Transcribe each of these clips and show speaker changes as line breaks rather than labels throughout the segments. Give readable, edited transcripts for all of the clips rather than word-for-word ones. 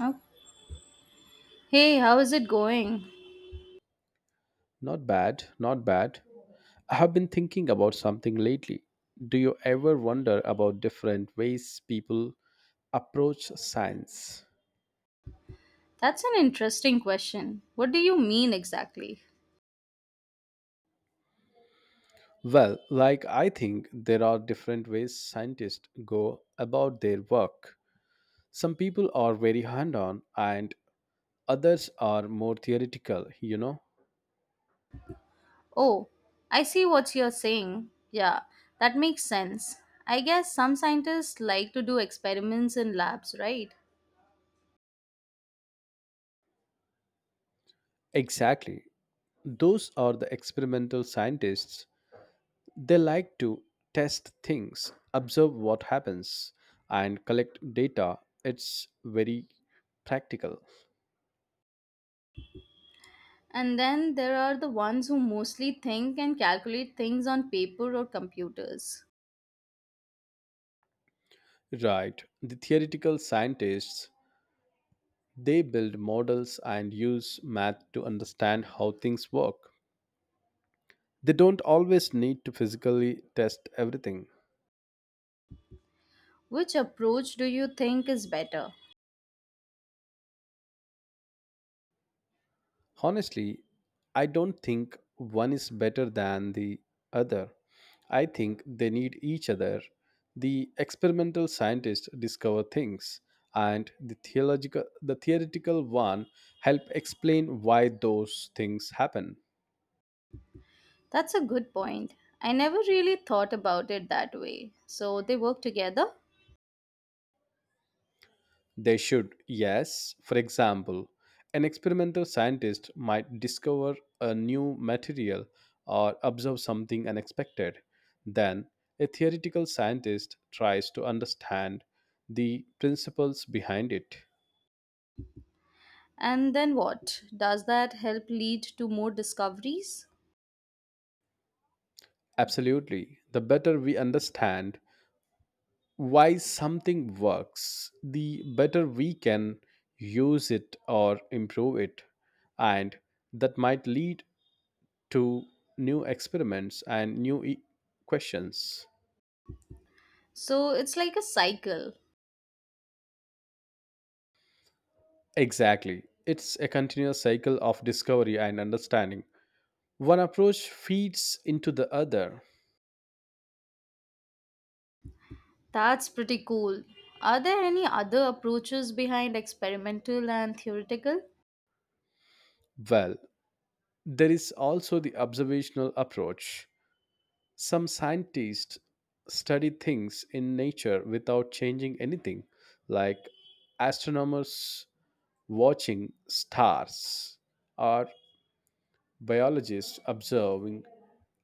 Oh, hey, how is it going?
Not bad, not bad. I have been thinking about something lately. Do you ever wonder about different ways people approach science?
That's an interesting question. What do you mean exactly?
Well, like I think there are different ways scientists go about their work. Some people are very hand on, and others are more theoretical, you know?
Oh, I see what you're saying. Yeah, that makes sense. I guess some scientists like to do experiments in labs, right?
Exactly. Those are the experimental scientists. They like to test things, observe what happens, and collect data. It's very practical.
And then there are the ones who mostly think and calculate things on paper or computers.
Right. The theoretical scientists, they build models and use math to understand how things work. They don't always need to physically test everything.
Which approach do you think is better?
Honestly, I don't think one is better than the other. I think they need each other. The experimental scientists discover things, and the theoretical one help explain why those things happen.
That's a good point. I never really thought about it that way. So they work together?
They should, yes. For example, an experimental scientist might discover a new material or observe something unexpected. Then, a theoretical scientist tries to understand the principles behind it.
And then what? Does that help lead to more discoveries?
Absolutely. The better we understand why something works, the better we can use it or improve it. And that might lead to new experiments and new questions.
So it's like a cycle.
Exactly. It's a continuous cycle of discovery and understanding. One approach feeds into the other.
That's pretty cool. Are there any other approaches behind experimental and theoretical?
Well, there is also the observational approach. Some scientists study things in nature without changing anything, like astronomers watching stars or biologists observing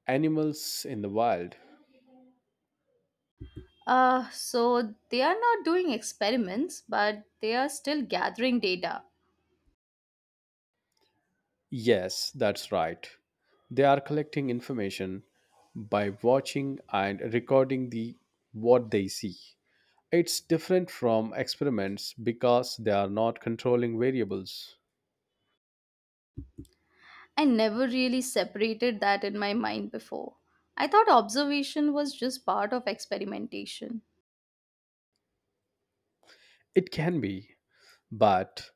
animals in the wild.
So they are not doing experiments, but they are still gathering data.
Yes, that's right. They are collecting information by watching and recording the what they see. It's different from experiments because they are not controlling variables.
I never really separated that in my mind before. I thought observation was just part of experimentation.
It can be, but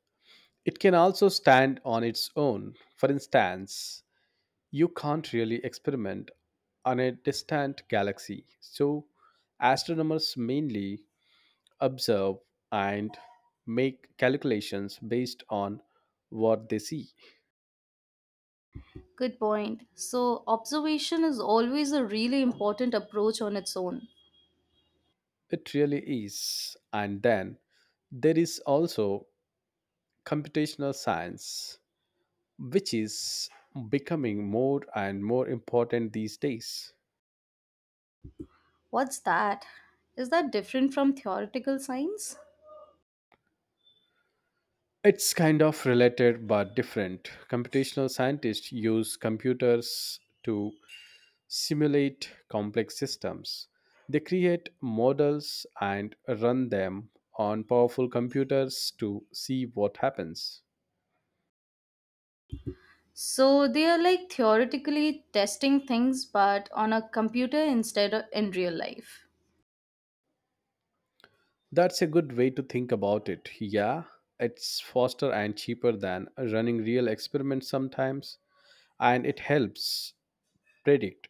it can also stand on its own. For instance, you can't really experiment on a distant galaxy. So astronomers mainly observe, and make calculations based on what they see.
Good point. So, observation is always a really important approach on its own.
It really is. And then there is also computational science, which is becoming more and more important these days.
What's that? Is that different from theoretical science?
It's kind of related but different. Computational scientists use computers to simulate complex systems. They create models and run them on powerful computers to see what happens.
So they are like theoretically testing things but on a computer instead of in real life.
That's a good way to think about it. Yeah, it's faster and cheaper than running real experiments sometimes, and it helps predict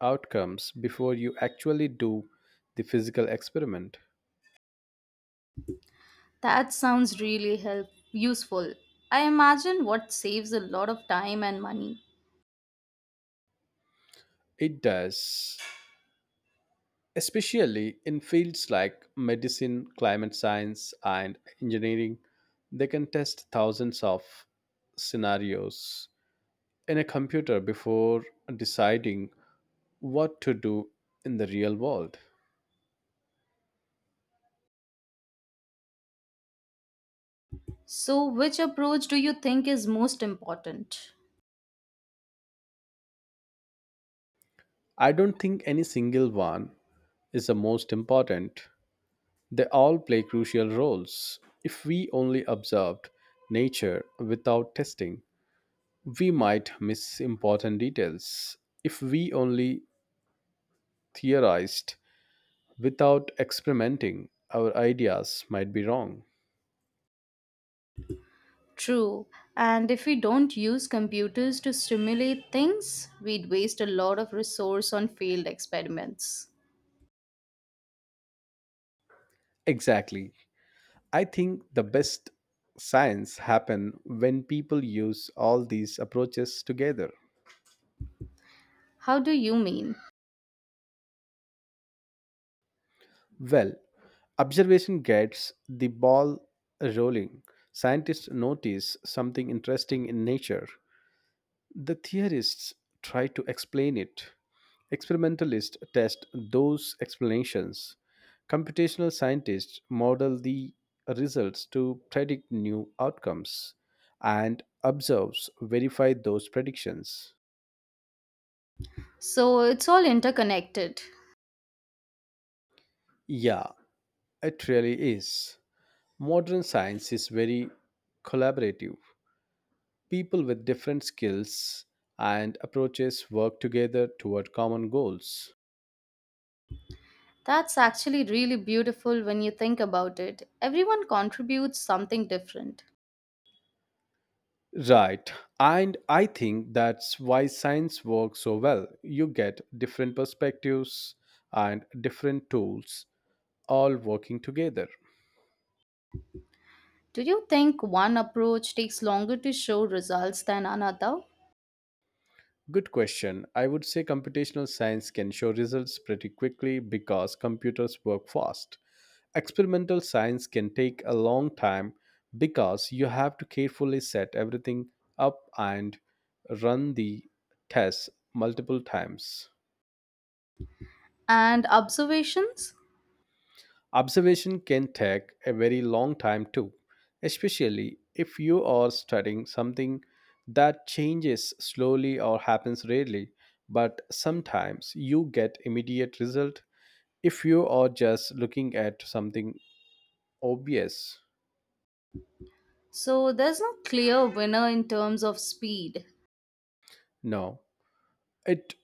outcomes before you actually do the physical experiment.
That sounds really help useful. I imagine what saves a lot of time and money.
It does. Especially in fields like medicine, climate science, and engineering, they can test thousands of scenarios in a computer before deciding what to do in the real world.
So which approach do you think is most important?
I don't think any single one is the most important. They all play crucial roles. If we only observed nature without testing, we might miss important details. If we only theorized without experimenting, our ideas might be wrong.
True. And if we don't use computers to simulate things, we'd waste a lot of resource on failed experiments.
Exactly. I think the best science happen when people use all these approaches together.
How do you mean?
Well, observation gets the ball rolling. Scientists notice something interesting in nature. The theorists try to explain it. Experimentalists test those explanations. Computational scientists model the results to predict new outcomes and observers verify those predictions.
So it's all interconnected.
Yeah, it really is. Modern science is very collaborative. People with different skills and approaches work together toward common goals.
That's actually really beautiful when you think about it. Everyone contributes something different.
Right. And I think that's why science works so well. You get different perspectives and different tools all working together.
Do you think one approach takes longer to show results than another?
Good question. I would say computational science can show results pretty quickly because computers work fast. Experimental science can take a long time because you have to carefully set everything up and run the tests multiple times.
And observations?
Observation can take a very long time too, especially if you are studying something that changes slowly or happens rarely, but sometimes you get immediate result if you are just looking at something obvious.
So there's no clear winner in terms of speed.
No, it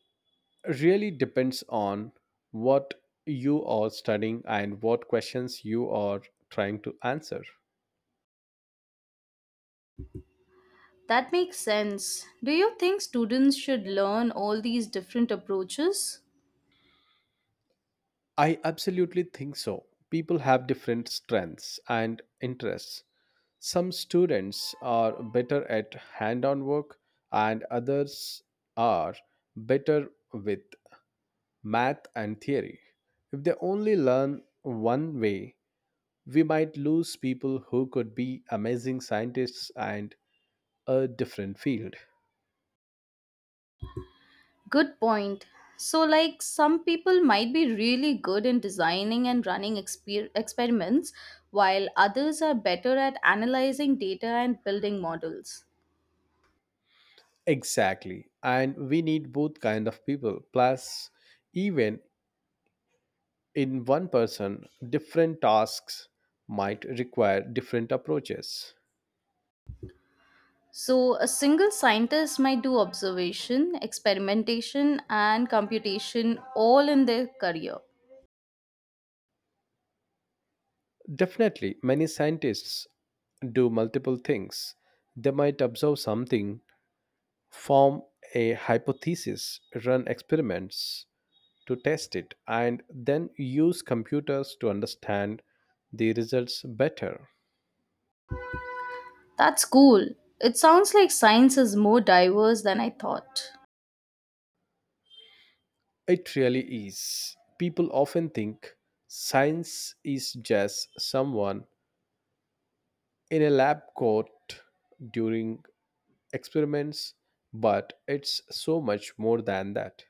really depends on what you are studying and what questions you are trying to answer.
That makes sense. Do you think students should learn all these different approaches?
I absolutely think so. People have different strengths and interests. Some students are better at hand on work, and others are better with math and theory. If they only learn one way, we might lose people who could be amazing scientists and a different field.
Good point. So, like, some people might be really good in designing and running experiments, while others are better at analyzing data and building models.
Exactly. And we need both kind of people. Plus, even in one person, different tasks might require different approaches.
So, a single scientist might do observation, experimentation, and computation all in their career.
Definitely, many scientists do multiple things. They might observe something, form a hypothesis, run experiments to test it, and then use computers to understand the results better.
That's cool. It sounds like science is more diverse than I thought.
It really is. People often think science is just someone in a lab coat during experiments, but it's so much more than that.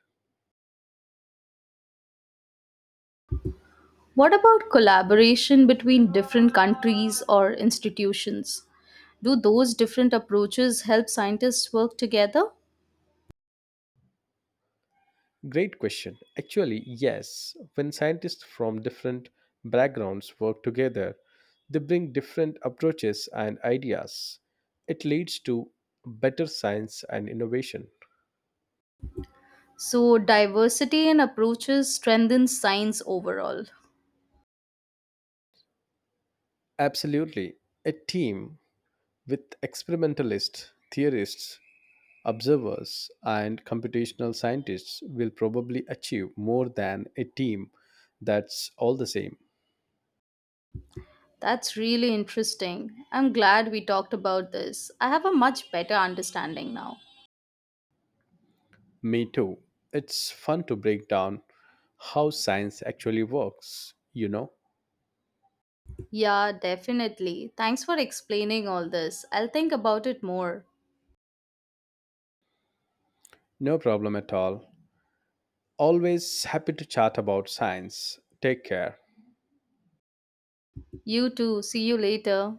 What about collaboration between different countries or institutions? Do those different approaches help scientists work together?
Great question. Actually, yes, when scientists from different backgrounds work together, they bring different approaches and ideas. It leads to better science and innovation.
So, diversity in approaches strengthens science overall.
Absolutely. A team with experimentalists, theorists, observers, and computational scientists will probably achieve more than a team that's all the same.
That's really interesting. I'm glad we talked about this. I have a much better understanding now.
Me too. It's fun to break down how science actually works, you know?
Yeah, definitely. Thanks for explaining all this. I'll think about it more.
No problem at all. Always happy to chat about science. Take care.
You too. See you later.